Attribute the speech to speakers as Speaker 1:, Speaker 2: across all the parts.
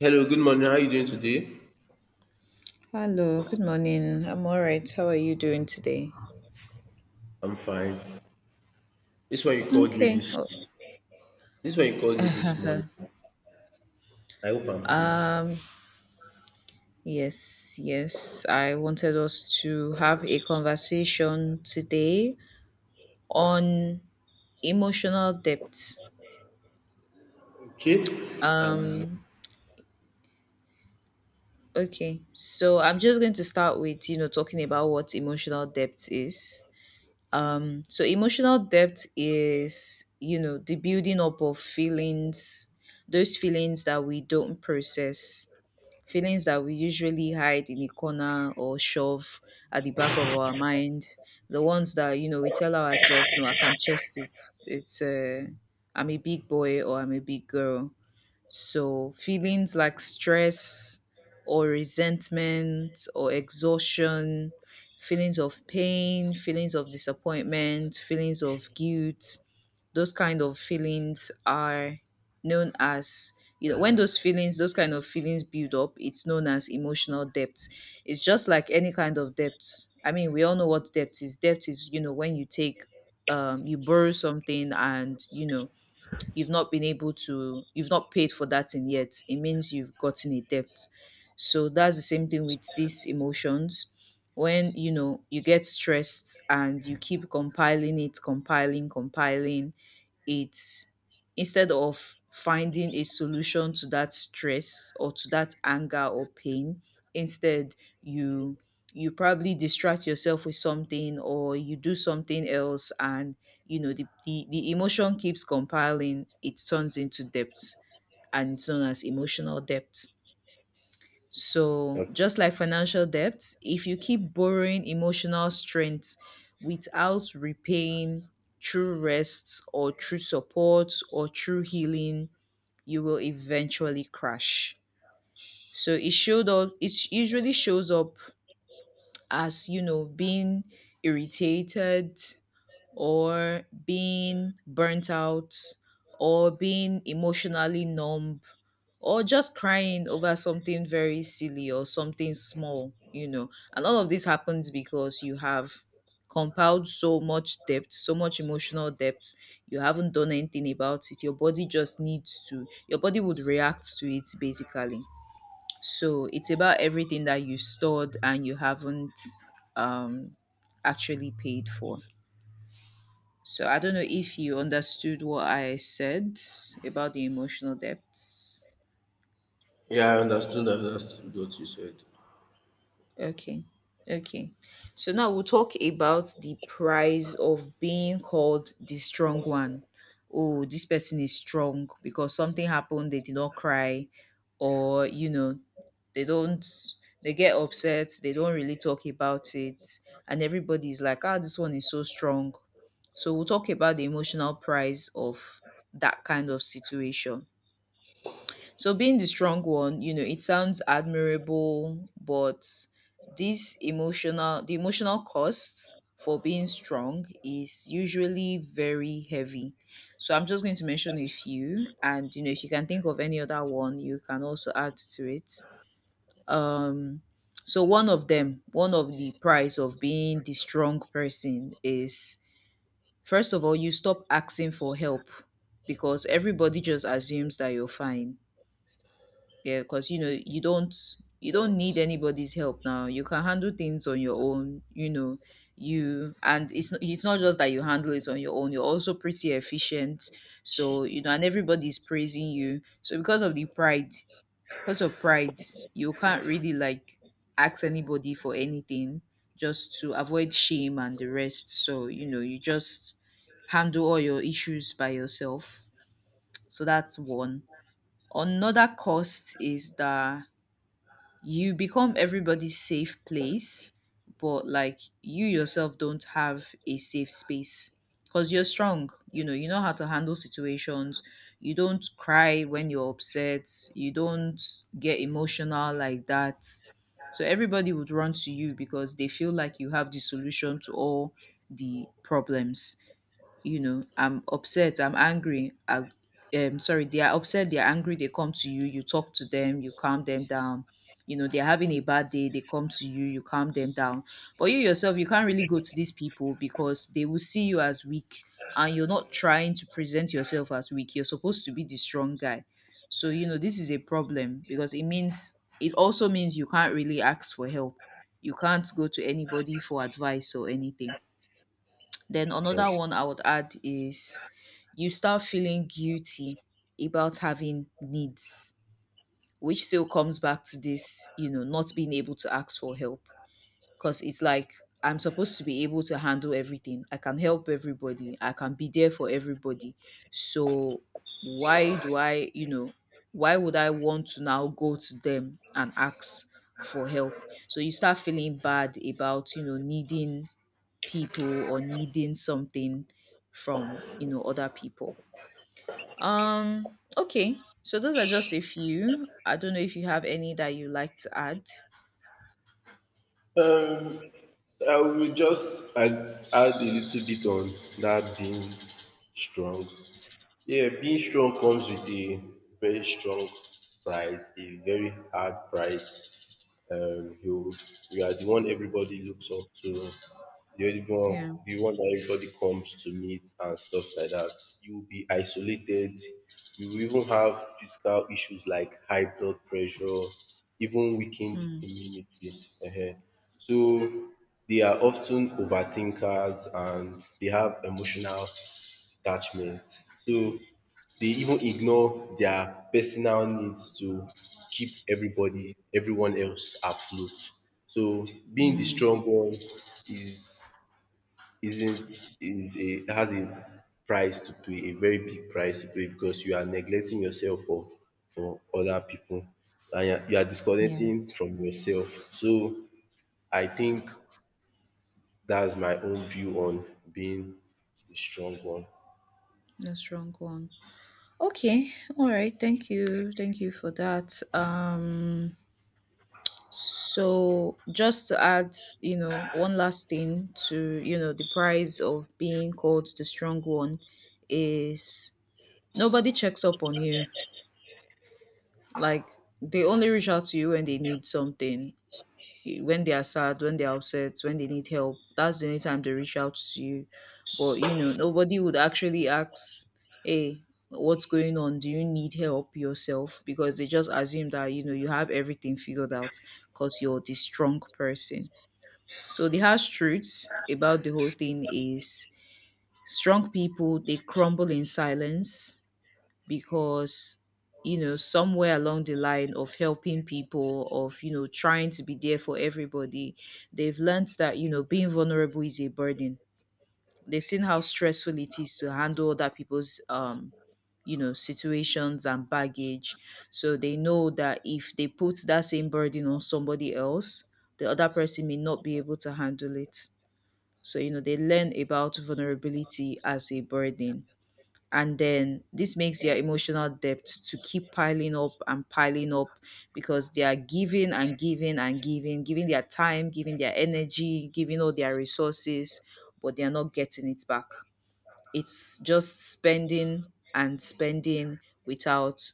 Speaker 1: Hello, good morning. How are you doing today?
Speaker 2: Hello, good morning. I'm all right. How are you doing today?
Speaker 1: I'm fine. This one you called me
Speaker 2: Okay.
Speaker 1: this
Speaker 2: Oh.
Speaker 1: this one you called me this morning. I hope I'm safe.
Speaker 2: um, yes, yes, I wanted us to have a conversation today on emotional depth.
Speaker 1: Okay. Um
Speaker 2: Um, okay. So I'm just going to start with talking about what emotional depth is. So emotional depth is the building up of feelings, those feelings that we don't process, feelings that we usually hide in a corner or shove at the back of our mind, the ones that we tell ourselves, no, I can chest it. I'm a big boy or I'm a big girl. So, feelings like stress or resentment or exhaustion, feelings of pain, feelings of disappointment, feelings of guilt, those kind of feelings are known as when those kind of feelings build up it's known as emotional depth. It's just like any kind of debt. I mean, we all know what depth is. Depth is when you borrow something and you've not been able to you've not paid for that thing yet. It means you've gotten a debt. So that's the same thing with these emotions. When you get stressed and you keep compiling it, compiling compiling it, instead of finding a solution to that stress or to that anger or pain, instead you probably distract yourself with something or you do something else, and the emotion keeps compiling, it turns into debt, and it's known as emotional debt. So just like financial debt, if you keep borrowing emotional strength without repaying through rest or through support or through healing, you will eventually crash. So it usually shows up as being irritated or being burnt out or being emotionally numb or just crying over something very silly or something small. And all of this happens because you have compiled so much depth so much emotional depth. You haven't done anything about it, your body just needs to your body would react to it basically. So it's about everything that you stored and you haven't um, actually paid for. So I don't know if you understood what I said about the emotional depths.
Speaker 1: yeah, I understood what you said.
Speaker 2: Okay. Okay. So now we'll talk about the price of being called the strong one. Oh, this person is strong because something happened, they did not cry, or you know, they don't they get upset, they don't really talk about it, and everybody is like, ah, this one is so strong. So we'll talk about the emotional price of that kind of situation. So being the strong one it sounds admirable, but this emotional the emotional cost for being strong is usually very heavy. So I'm just going to mention a few, and if you can think of any other one you can also add to it. um so one of the price of being the strong person is, first of all, you stop asking for help because everybody just assumes that you're fine, yeah, because you don't need anybody's help now, you can handle things on your own, you know. You And it's not just that you handle it on your own, you're also pretty efficient. So and everybody's praising you, so because of pride, you can't really like ask anybody for anything just to avoid shame and the rest. So you just handle all your issues by yourself. So that's one. Another cost is that you become everybody's safe place, but like you yourself don't have a safe space because you're strong. You know how to handle situations. You don't cry when you're upset. You don't get emotional like that. So everybody would run to you because they feel like you have the solution to all the problems. I'm upset I'm angry I Sorry, they are upset, they're angry, they come to you, talk to them, you calm them down. They're having a bad day, they come to you, you calm them down, but you yourself, you can't really go to these people because they will see you as weak, and you're not trying to present yourself as weak, you're supposed to be the strong guy. So this is a problem because it also means you can't really ask for help, you can't go to anybody for advice or anything. Then another
Speaker 1: Okay.
Speaker 2: one I would add is, you start feeling guilty about having needs, which still comes back to this, not being able to ask for help. Because it's like, I'm supposed to be able to handle everything. I can help everybody. I can be there for everybody. So why do I, you know, why would I want to now go to them and ask for help? So you start feeling bad about needing people or needing something from other people. Okay, so those are just a few, I don't know if you have any that you like to add.
Speaker 1: Um, I will just add a little bit on that being strong. Yeah, being strong comes with a very strong price, a very hard price. Um you you are the one everybody looks up to, the only one,
Speaker 2: Yeah.
Speaker 1: the one that everybody comes to meet and stuff like that. You will be isolated. You will even have physical issues like high blood pressure, even weakened
Speaker 2: Mm.
Speaker 1: immunity. Ehen. So they are often overthinkers and they have emotional detachment. So they even ignore their personal needs to keep everyone else afloat. So being the
Speaker 2: Mm.
Speaker 1: strong one is isn't is a has a price to pay, a very big price to pay because you are neglecting yourself for other people, and you are
Speaker 2: Yeah.
Speaker 1: disconnecting from yourself. So I think that's my own view on being a strong one.
Speaker 2: No strong one. Okay. All right, thank you, for that. So just to add, one last thing to, the price of being called the strong one is, nobody checks up on you. Like, they only reach out to you when they need something, when they are sad, when they are upset, when they need help. That's the only time they reach out to you. But nobody would actually ask, "Hey, what's going on? Do you need help yourself?" Because they just assume that you have everything figured out because you're the strong person. So the harsh truth about the whole thing is, strong people, they crumble in silence because somewhere along the line of helping people, of trying to be there for everybody, they've learned that being vulnerable is a burden. They've seen how stressful it is to handle other people's situations and baggage. So they know that if they put that same burden on somebody else, the other person may not be able to handle it. So they learn about vulnerability as a burden, and then this makes their emotional debt to keep piling up and piling up, because they are giving and giving and giving, giving their time, giving their energy, giving all their resources, but they are not getting it back. It's just spending and spending without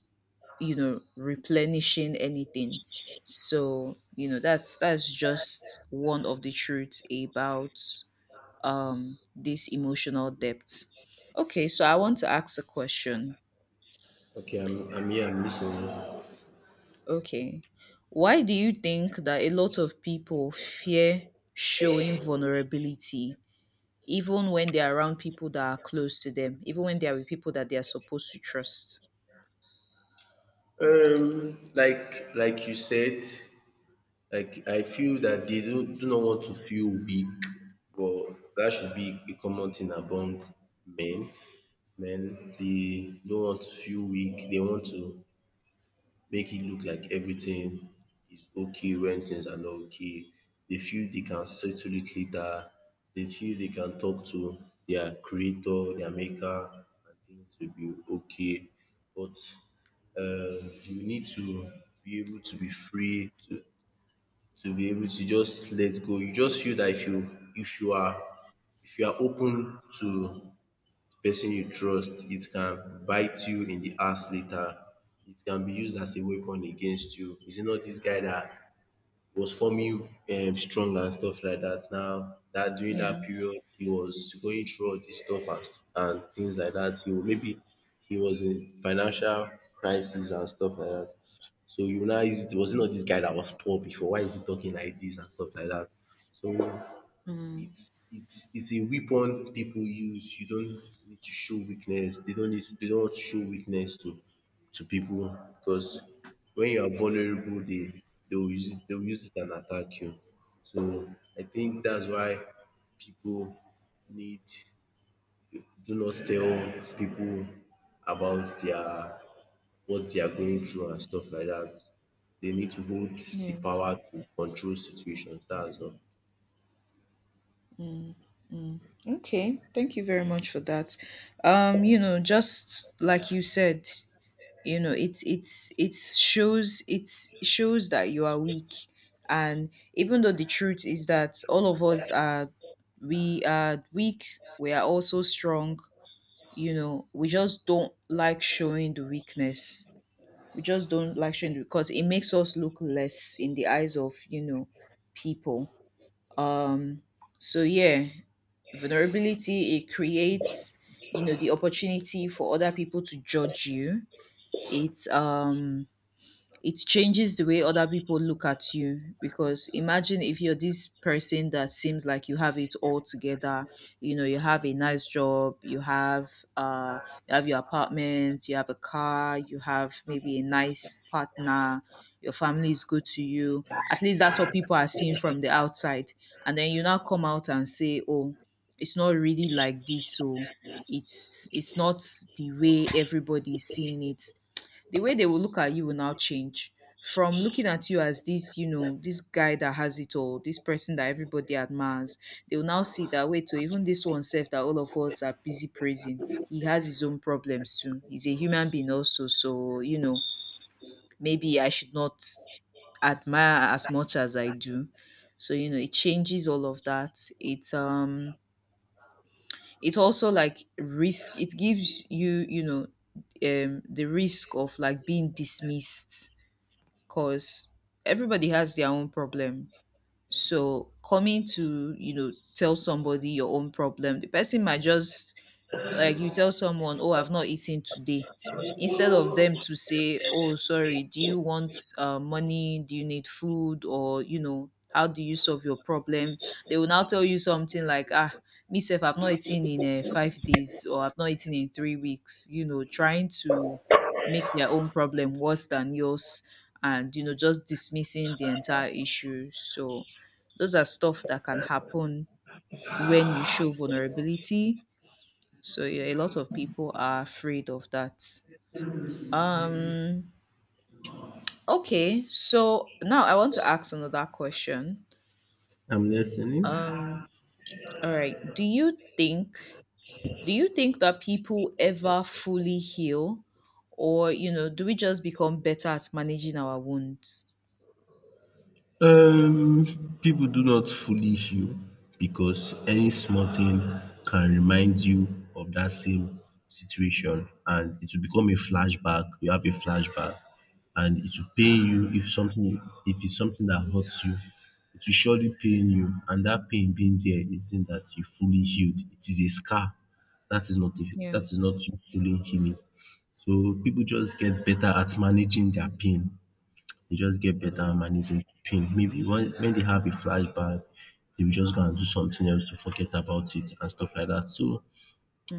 Speaker 2: replenishing anything. So that's just one of the truths about this emotional depth. Okay, so I want to ask a question.
Speaker 1: Okay, I'm here, I'm listening.
Speaker 2: Okay. Why do you think that a lot of people fear showing vulnerability even when they're around people that are close to them, even when they are with people that they are supposed to trust?
Speaker 1: Like you said, like I feel that they do not want to feel weak, but that should be a common thing among men. Men they don't want to feel weak. They want to make it look like everything is okay when things are not okay. They feel they can settle it later. They feel they can talk to their creator, their maker, and things will be okay. But uh, you need to be able to be free to be able to just let go. You just feel that if you are open to person you trust, it can bite you in the ass later. It can be used as a weapon against you. Is it not this guy that was forming strong and stuff like that, now that during
Speaker 2: Yeah.
Speaker 1: that period he was going through all this stuff, and things like that. He was in financial crisis and stuff like that. So you now use, it was it not this guy that was poor before? Why is he talking like this and stuff like that? So
Speaker 2: Mm,
Speaker 1: it's it's a weapon people use. You don't need to show weakness. They don't want to show weakness to people because when you are vulnerable, they will use it, they will use it and attack you. So I think that's why people need, do not tell people about their what they are going through and stuff like that. They need to hold the
Speaker 2: yeah.
Speaker 1: power to control situations. That's all.
Speaker 2: Okay. Thank you very much for that. Just like you said, it shows that you are weak, and even though the truth is that all of us are we are weak, we are also strong. We just don't like showing the weakness, we just don't like showing because it makes us look less in the eyes of people. um so yeah, vulnerability, it creates the opportunity for other people to judge you. it um it changes the way other people look at you, because imagine if you're this person that seems like you have it all together, you have a nice job, uh you have your apartment, you have a car, you have maybe a nice partner, your family is good to you, at least that's what people are seeing from the outside, and then you now come out and say, oh, it's not really like this. So it's not the way everybody is seeing it. The way they will look at you will now change from looking at you as this this guy that has it all, this person that everybody admires. They will now see that, wait, so even this one self that all of us are busy praising, he has his own problems too. He's a human being also, so, you know, maybe I should not admire as much as I do. So it changes all of that. It also like risk. It gives you the risk of like being dismissed, because everybody has their own problem. So coming to tell somebody your own problem, the person might just, like, you tell someone, oh, I've not eaten today. Instead of them to say, oh, sorry, do you want money? Do you need food? Or, you know, how do you solve your problem? They will now tell you something like, "Ah, myself, I've not eaten in 5 days, or I've not eaten in 3 weeks," you know, trying to make their own problem worse than yours and, you know, just dismissing the entire issue. So, those are stuff that can happen when you show vulnerability. So yeah, a lot of people are afraid of that. Um okay, so now I want to ask another question.
Speaker 1: I'm listening.
Speaker 2: Um all right, do you think that people ever fully heal, or, you know, do we just become better at managing our wounds?
Speaker 1: Um, people do not fully heal because any small thing can remind you of that same situation and it will become a flashback. You have a flashback and it will pain
Speaker 2: Yeah.
Speaker 1: you, if something, if it's something that hurts you, it will surely pain you, and that pain being there isn't that you fully healed. It is a scar. That is not a,
Speaker 2: Yeah.
Speaker 1: that is not you fully healing. So people just get better at managing their pain they just get better
Speaker 2: Mm.
Speaker 1: at managing pain. Maybe when they have a flashback, they will just go and do something else to forget about it and stuff like that. So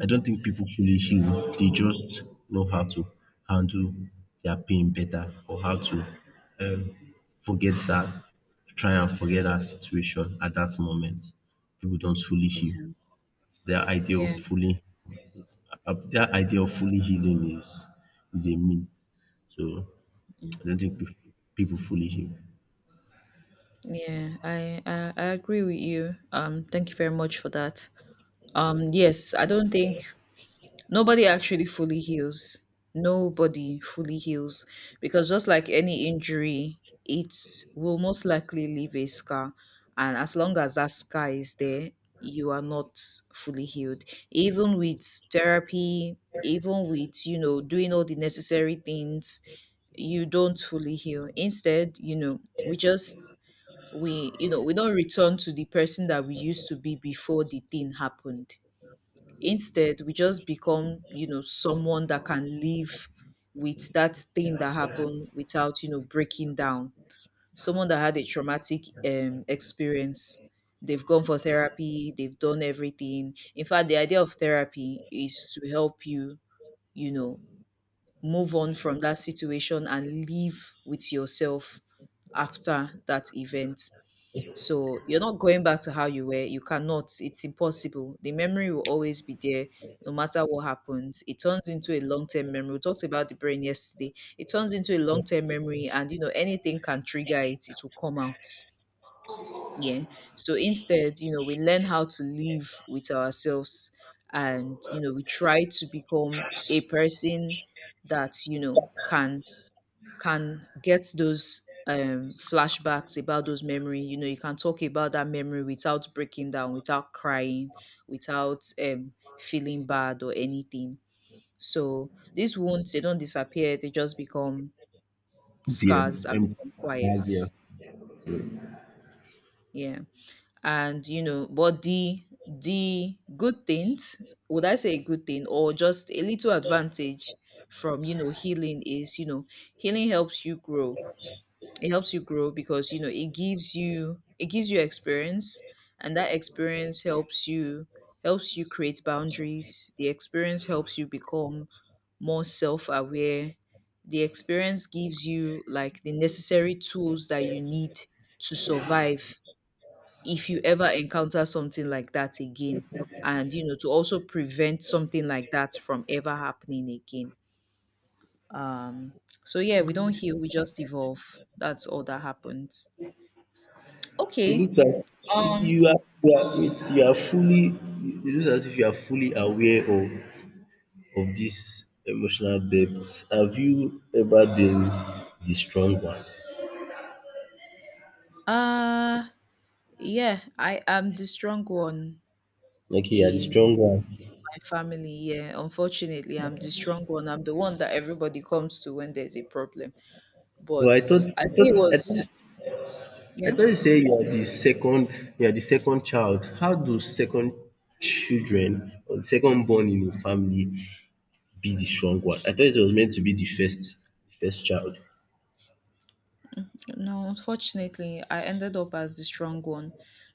Speaker 1: I don't think people truly heal. They just know how to handle their pain better, or how to um, forget try and forget that situation at that moment. People don't fully heal.
Speaker 2: yeah.
Speaker 1: Their idea of
Speaker 2: Yeah.
Speaker 1: their idea of fully healing is a myth. So I don't think people fully heal.
Speaker 2: Yeah, I agree with you. Thank you very much for that. Yes, I don't think nobody actually fully heals. Nobody fully heals, because just like any injury, it will most likely leave a scar, and as long as that scar is there, you are not fully healed. Even with therapy, even with, doing all the necessary things, you don't fully heal. Instead, you know, we just we you know we don't return to the person that we used to be before the thing happened. Instead, we just become, someone that can live with that thing that happened without, breaking down. Someone that had a traumatic experience, they've gone for therapy, they've done everything. In fact, the idea of therapy is to help you, you know move on from that situation and live with yourself after that event. So you're not going back to how you were. You cannot. It's impossible. The memory will always be there, no matter what happens. It turns into a long-term memory. We talked about the brain yesterday. It turns into a long-term memory, and, anything can trigger it. It will come out. Yeah. So instead, we learn how to live with ourselves, and, we try to become a person that, can get those flashbacks about those memory. You can talk about that memory without breaking down, without crying, without feeling bad or anything. So these wounds, they don't disappear, they just become
Speaker 1: Dear,
Speaker 2: scars and
Speaker 1: and
Speaker 2: become
Speaker 1: as
Speaker 2: quiet.
Speaker 1: here.
Speaker 2: Yeah. And, but the good things, would I say a good thing or just a little advantage from, healing is, healing helps you grow. It helps you grow because, it gives you, it gives you experience, and that experience helps you, helps you create boundaries. The experience helps you become more self-aware. The experience gives you, like, the necessary tools that you need to survive if you ever encounter something like that again, and, to also prevent something like that from ever happening again. um so yeah, we don't heal, we just evolve. That's all that happens.
Speaker 1: It
Speaker 2: Okay.
Speaker 1: looks like
Speaker 2: Um.
Speaker 1: you are fully, it looks as if you are fully aware of this emotional depth. Have you ever been the strong one?
Speaker 2: Uh yeah, I am the strong one
Speaker 1: Okay, you are the
Speaker 2: in
Speaker 1: strong one.
Speaker 2: my family. Yeah, unfortunately, I'm the strong one. I'm the one that everybody comes to when there's a problem.
Speaker 1: But
Speaker 2: But I think it was,
Speaker 1: I
Speaker 2: yeah.
Speaker 1: thought you say you are the second you are the second child. How do second children or the second born in a family be the strong one? I thought it was meant to be the first child.
Speaker 2: No, unfortunately, I ended up as the strong one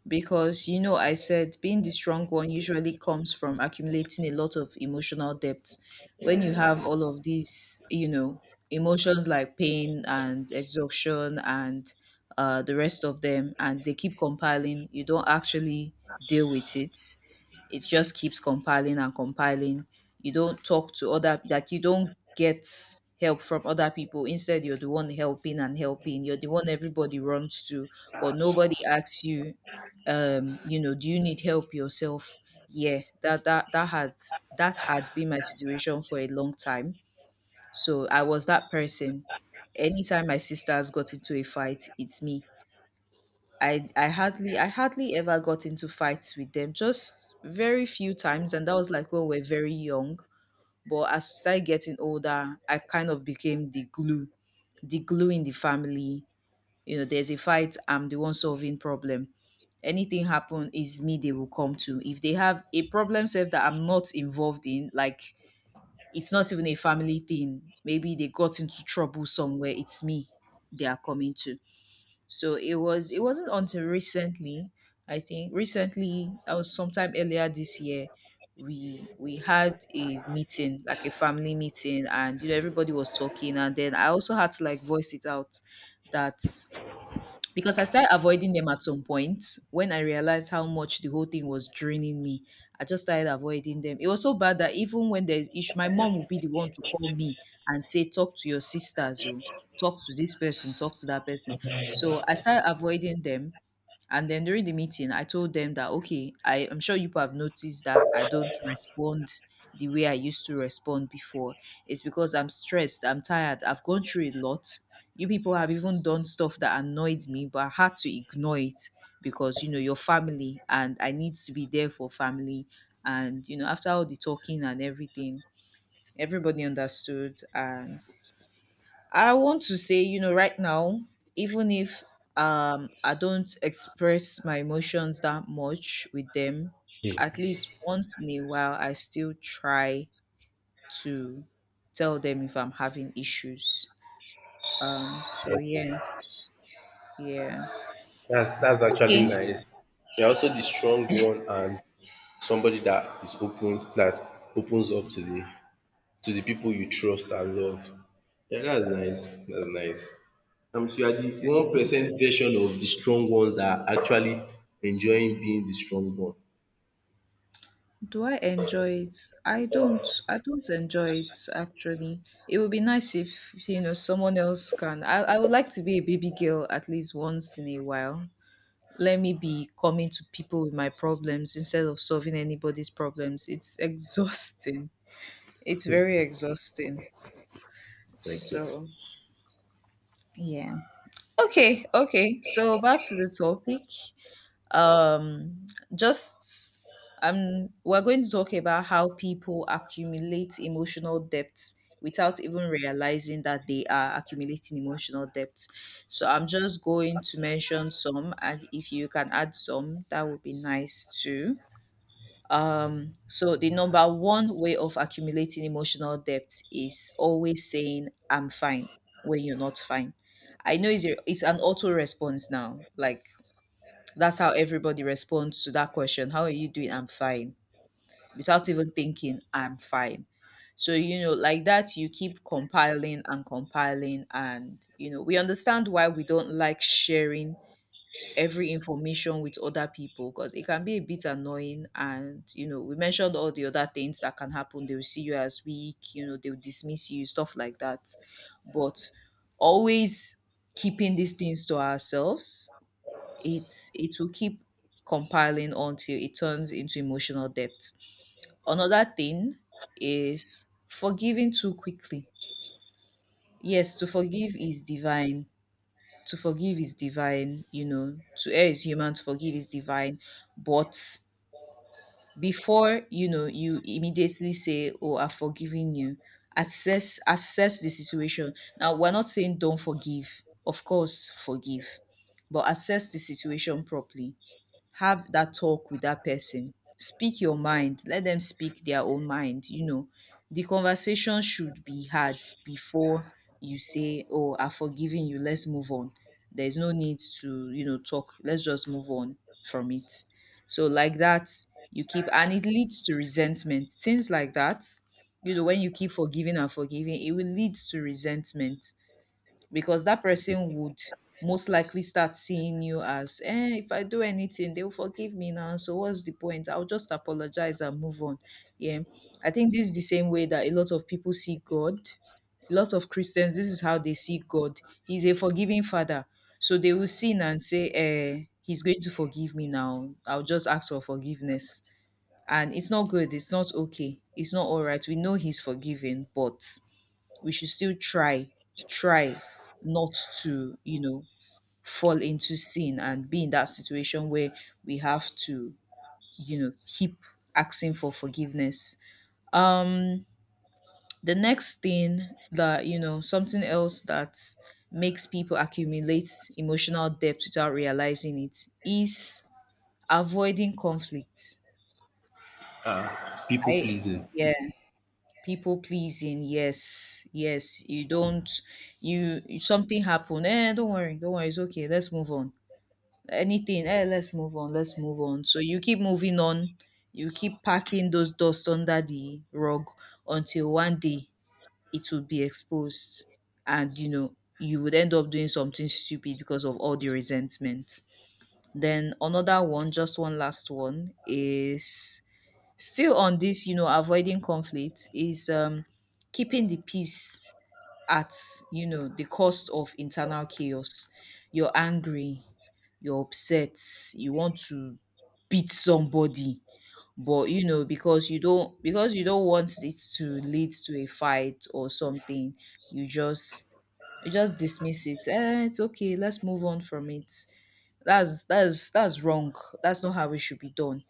Speaker 2: because, you know, I said being the strong one usually comes from accumulating a lot of emotional depth. When you have all of these, you know, emotions like pain and exhaustion and, the rest of them, and they keep compiling, you don't actually deal with it. It just keeps compiling and compiling. You don't talk to other, like, you don't get help from other people. Instead, you're the one helping and helping. You're the one everybody runs to, or nobody asks you, do you need help yourself? Yeah, that had been my situation for a long time. So I was that person. Anytime my sisters got into a fight, it's me. I hardly ever got into fights with them, just very few times, and that was like when we were very young. But as we started getting older, I kind of became the glue in the family. You know, there's a fight, I'm the one solving problem. Anything happen is me they will come to. If they have a problem self that I'm not involved in, like, it's not even a family thing. Maybe they got into trouble somewhere, it's me they are coming to. So it wasn't until recently, I think recently, that was sometime earlier this year, we had a meeting, like a family meeting, and you know everybody was talking, and then I also had to, like, voice it out that, because I started avoiding them at some point when I realized how much the whole thing was draining me. I just started avoiding them. It was so bad that even when there's issue, my mom would be the one to call me and say, "Talk to your sisters," or, "Talk to this person, talk to that person." So I started avoiding them. And then during the meeting, I told them that, okay, I'm sure you people have noticed that I don't respond the way I used to respond before. It's because I'm stressed, I'm tired, I've gone through a lot. You people have even done stuff that annoyed me, but I had to ignore it because, you know, your family and I need to be there for family. And, you know, after all the talking and everything, everybody understood, and I want to say, you know, right now, even if I don't express my emotions that much with them, at
Speaker 1: Hmm.
Speaker 2: least once in a while I still try to tell them if I'm having issues. So yeah,
Speaker 1: Okay.
Speaker 2: yeah.
Speaker 1: That's actually
Speaker 2: Okay.
Speaker 1: nice. You're also the strong one and somebody that is open, that opens up to the people you trust and love. Yeah, that's nice. That's nice. So you are the 1% version of the strong ones that are actually enjoying being the strong one.
Speaker 2: Do I enjoy it? I don't. I don't enjoy it actually. It would be nice if, you know, someone else can. I would like to be a baby girl at least once in a while. Let me be coming to people with my problems instead of solving anybody's problems. It's exhausting. It's very exhausting. So, yeah. Okay, okay. So back to the topic. Um just, we're going to talk about how people accumulate emotional depth without even realizing that they are accumulating emotional depth. So I'm just going to mention some, and if you can add some, that would be nice too. So the number one way of accumulating emotional depth is always saying, "I'm fine," when you're not fine. I know it's an auto response now. Like, that's how everybody responds to that question. How are you doing? I'm fine. Without even thinking, I'm fine. So, you know, like that, you keep compiling and compiling, and, you know, we understand why we don't like sharing every information with other people, because it can be a bit annoying, and, we mentioned all the other things that can happen. They will see you as weak, they'll dismiss you, stuff like that. But always keeping these things to ourselves, it's, it will keep compiling until it turns into emotional depth. Another thing is forgiving too quickly. Yes, to forgive is divine. To forgive is divine, you know, to err is human, to forgive is divine. But before, you know, you immediately say, "Oh, I've forgiven you," assess the situation. Now, we're not saying don't forgive. Of course, forgive. But assess the situation properly, have that talk with that person. Speak your mind. Let them speak their own mind. You know, the conversation should be had before you say, "Oh, I've forgiven you. Let's move on. There's no need to, you know, talk. Let's just move on from it." So, like that, you keep, and it leads to resentment. Things like that, you know, when you keep forgiving and forgiving, it will lead to resentment, because that person would most likely start seeing you as, "Eh, if I do anything, they'll forgive me now, so what's the point? I'll just apologize and move on." Yeah, I think this is the same way that a lot of people see God. A lot of Christians, this is how they see God. He's a forgiving Father. So they will sin and say, "Eh, he's going to forgive me now, I'll just ask for forgiveness." And it's not good, it's not okay, it's not all right. We know he's forgiving, but we should still try, try, not to, you know, fall into sin and be in that situation where we have to, you know, keep asking for forgiveness. um the next thing, that you know something else that makes people accumulate emotional debt without realizing it, is avoiding conflict.
Speaker 1: Ah, people
Speaker 2: I
Speaker 1: pleasing.
Speaker 2: Yeah, people pleasing. Yes, yes. You don't, something happen, eh, don't worry, don't worry, it's okay, let's move on. Anything, eh, let's move on, let's move on, so you keep moving on. You keep packing those dust under the rug until one day it will be exposed, and, you know, you would end up doing something stupid because of all the resentment. Then another one, just one last one, is still on this, you know, avoiding conflict is, keeping the peace at, you know, the cost of internal chaos. You're angry, you're upset, you want to beat somebody, but, you know, because you don't, because you don't want it to lead to a fight or something, you just, you just dismiss it. Eh, it's okay, let's move on from it. That's wrong. That's not how it should be done.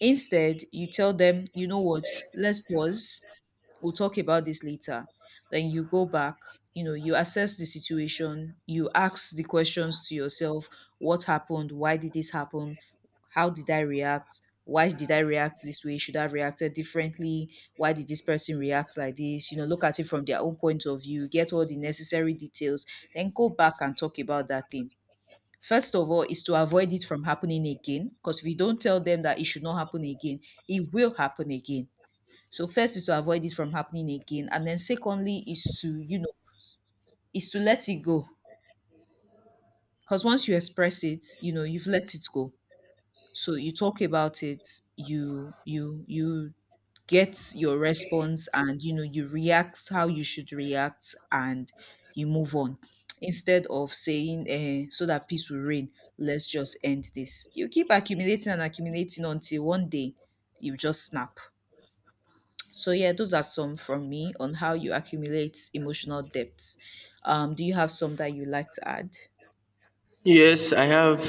Speaker 2: Instead, you tell them, you know what, let's pause. We'll talk about this later. Then you go back, you know, you assess the situation, you ask the questions to yourself. What happened? Why did this happen? How did I react? Why did I react this way? Should I have reacted differently? Why did this person react like this? You know, look at it from their own point of view, get all the necessary details, then go back and talk about that thing. First of all, is to avoid it from happening again, because if you don't tell them that it should not happen again, it will happen again. So first is to avoid it from happening again, and then secondly is to, you know, is to let it go, because once you express it, you know you've let it go. So you talk about it, you you get your response, and, you know, you react how you should react, and you move on, instead of saying, "Eh, so that peace will reign, let's just end this," you keep accumulating and accumulating until one day you just snap. So yeah, those are some from me on how you accumulate emotional depth. Do you have some that you like to add?
Speaker 1: Yes,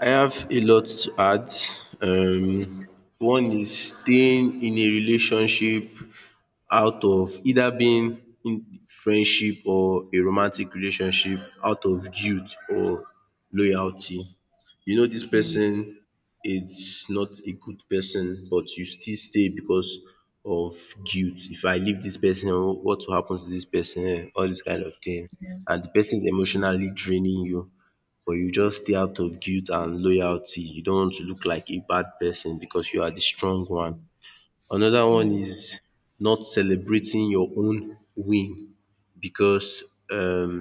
Speaker 1: I have a lot to add. Um, one is staying in a relationship, out of either being in friendship or a romantic relationship, out of guilt or loyalty. You know this
Speaker 2: Mm.
Speaker 1: person is not a good person, but you still stay because of guilt. If I leave this person, what will happen to this person? Eh, all this kind of thing. And the person is emotionally draining you, but you just stay out of guilt and loyalty. You don't want to look like a bad person because you are the strong one. Another one
Speaker 2: Mm,
Speaker 1: is not celebrating your own win because um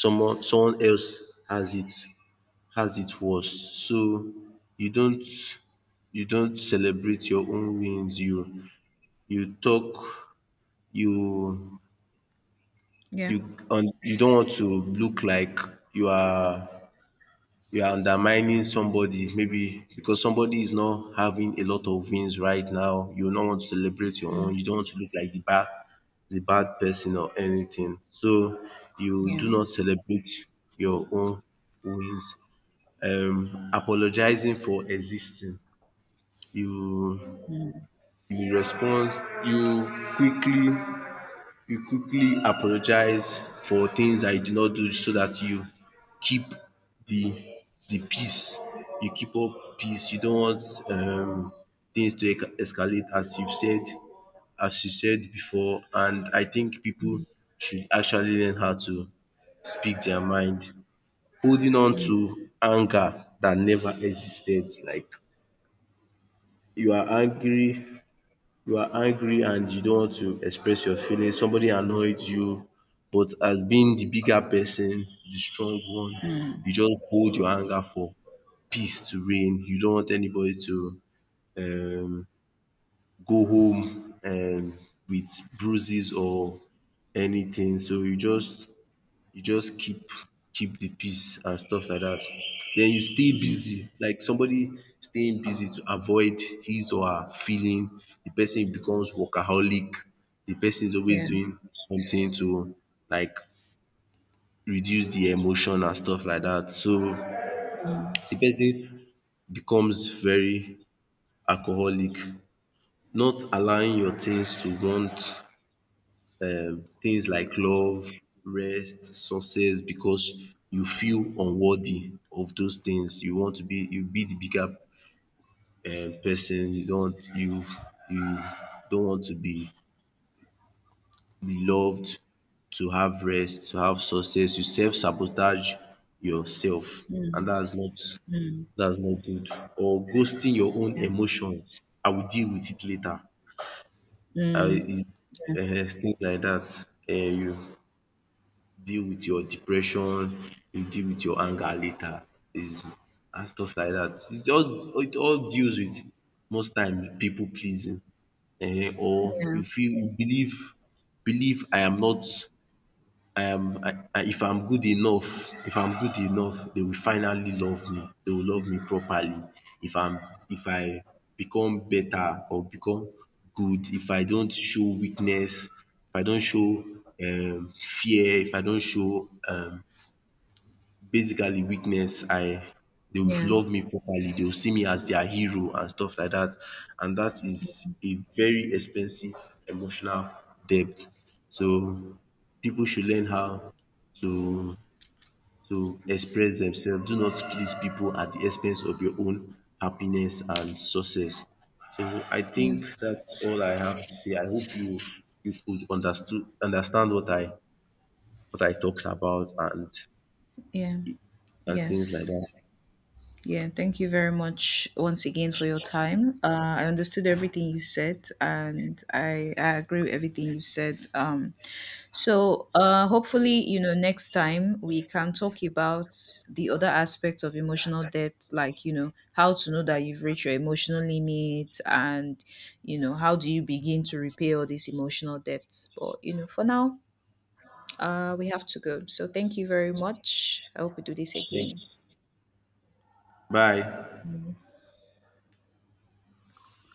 Speaker 1: someone, someone else has it worse. So you don't you don't celebrate your own wins. You talk you
Speaker 2: yeah.
Speaker 1: you and you don't want to look like you are you are undermining somebody, maybe because somebody is not having a lot of wins right now. You don't want to celebrate your own,
Speaker 2: Mm,
Speaker 1: you don't want to look like the bad person or anything, so you
Speaker 2: yeah.
Speaker 1: do not celebrate your own wins. Um, apologizing for existing, you you respond you quickly you quickly apologize for things that you did not do, so that you keep the the peace. You keep up peace. You don't want um, things to escalate, as you've said as you said before, and I think people should actually learn how to speak their mind. Holding on
Speaker 2: Mm,
Speaker 1: to anger that never existed, like you are angry you are angry and you don't want to express your feelings, somebody annoyed you, but as being the bigger person, the strong one,
Speaker 2: mm.
Speaker 1: you just hold your anger for peace to reign. You don't want anybody to um go home with bruises or anything. So you just keep keep the peace and stuff like that. Den you stay busy, like somebody staying busy to avoid his or her feeling. The person becomes workaholic, the person is always
Speaker 2: Yeah.
Speaker 1: doing something to like reduce the emotion and stuff like that. So
Speaker 2: Mm,
Speaker 1: the person becomes very alcoholic, not allowing your things to want um, things like love, rest, success, because you feel unworthy of those things. You want to be the bigger um, person. You don't want to be loved, to have rest, to have success. You self sabotage yourself, and
Speaker 2: mm,
Speaker 1: that's not good. Or ghosting your own
Speaker 2: yeah.
Speaker 1: emotions. I will deal with it later. I
Speaker 2: Mm,
Speaker 1: is
Speaker 2: yeah.
Speaker 1: Um, things like that. Um, you deal with your depression, you deal with your anger later is and stuff like dat. It's just it all deals with most time pipu pleasing, um, or
Speaker 2: Yeah.
Speaker 1: you feel you believe I am not um, if I'm good enough, if I'm good enough, they will finally love me. They will love me properly. If I'm, if I become better or become good, if I don't show weakness, if I don't show fear, if I don't show basically weakness, I they will
Speaker 2: Yeah.
Speaker 1: love me properly, they will see me as their hero and stuff like that, and that is a very expensive emotional debt. So people should learn how to to express themselves, do not please people at the expense of your own happiness and success. So I
Speaker 2: Yeah.
Speaker 1: think that's all I have to say. I hope you you could understood understand what I talked about
Speaker 2: Yeah.
Speaker 1: and things like
Speaker 2: Yes.
Speaker 1: that.
Speaker 2: Yeah, thank you very much once again for your time. I understood everything you said, and I agree with everything you said. So, hopefully, you know, next time we can talk about the other aspects of emotional debt, like, you know, how to know that you've reached your emotional limit and, you know, how do you begin to repay all these emotional debts. But, you know, for now, we have to go. So, thank you very much. I hope we do this again.
Speaker 1: Thank. Bye.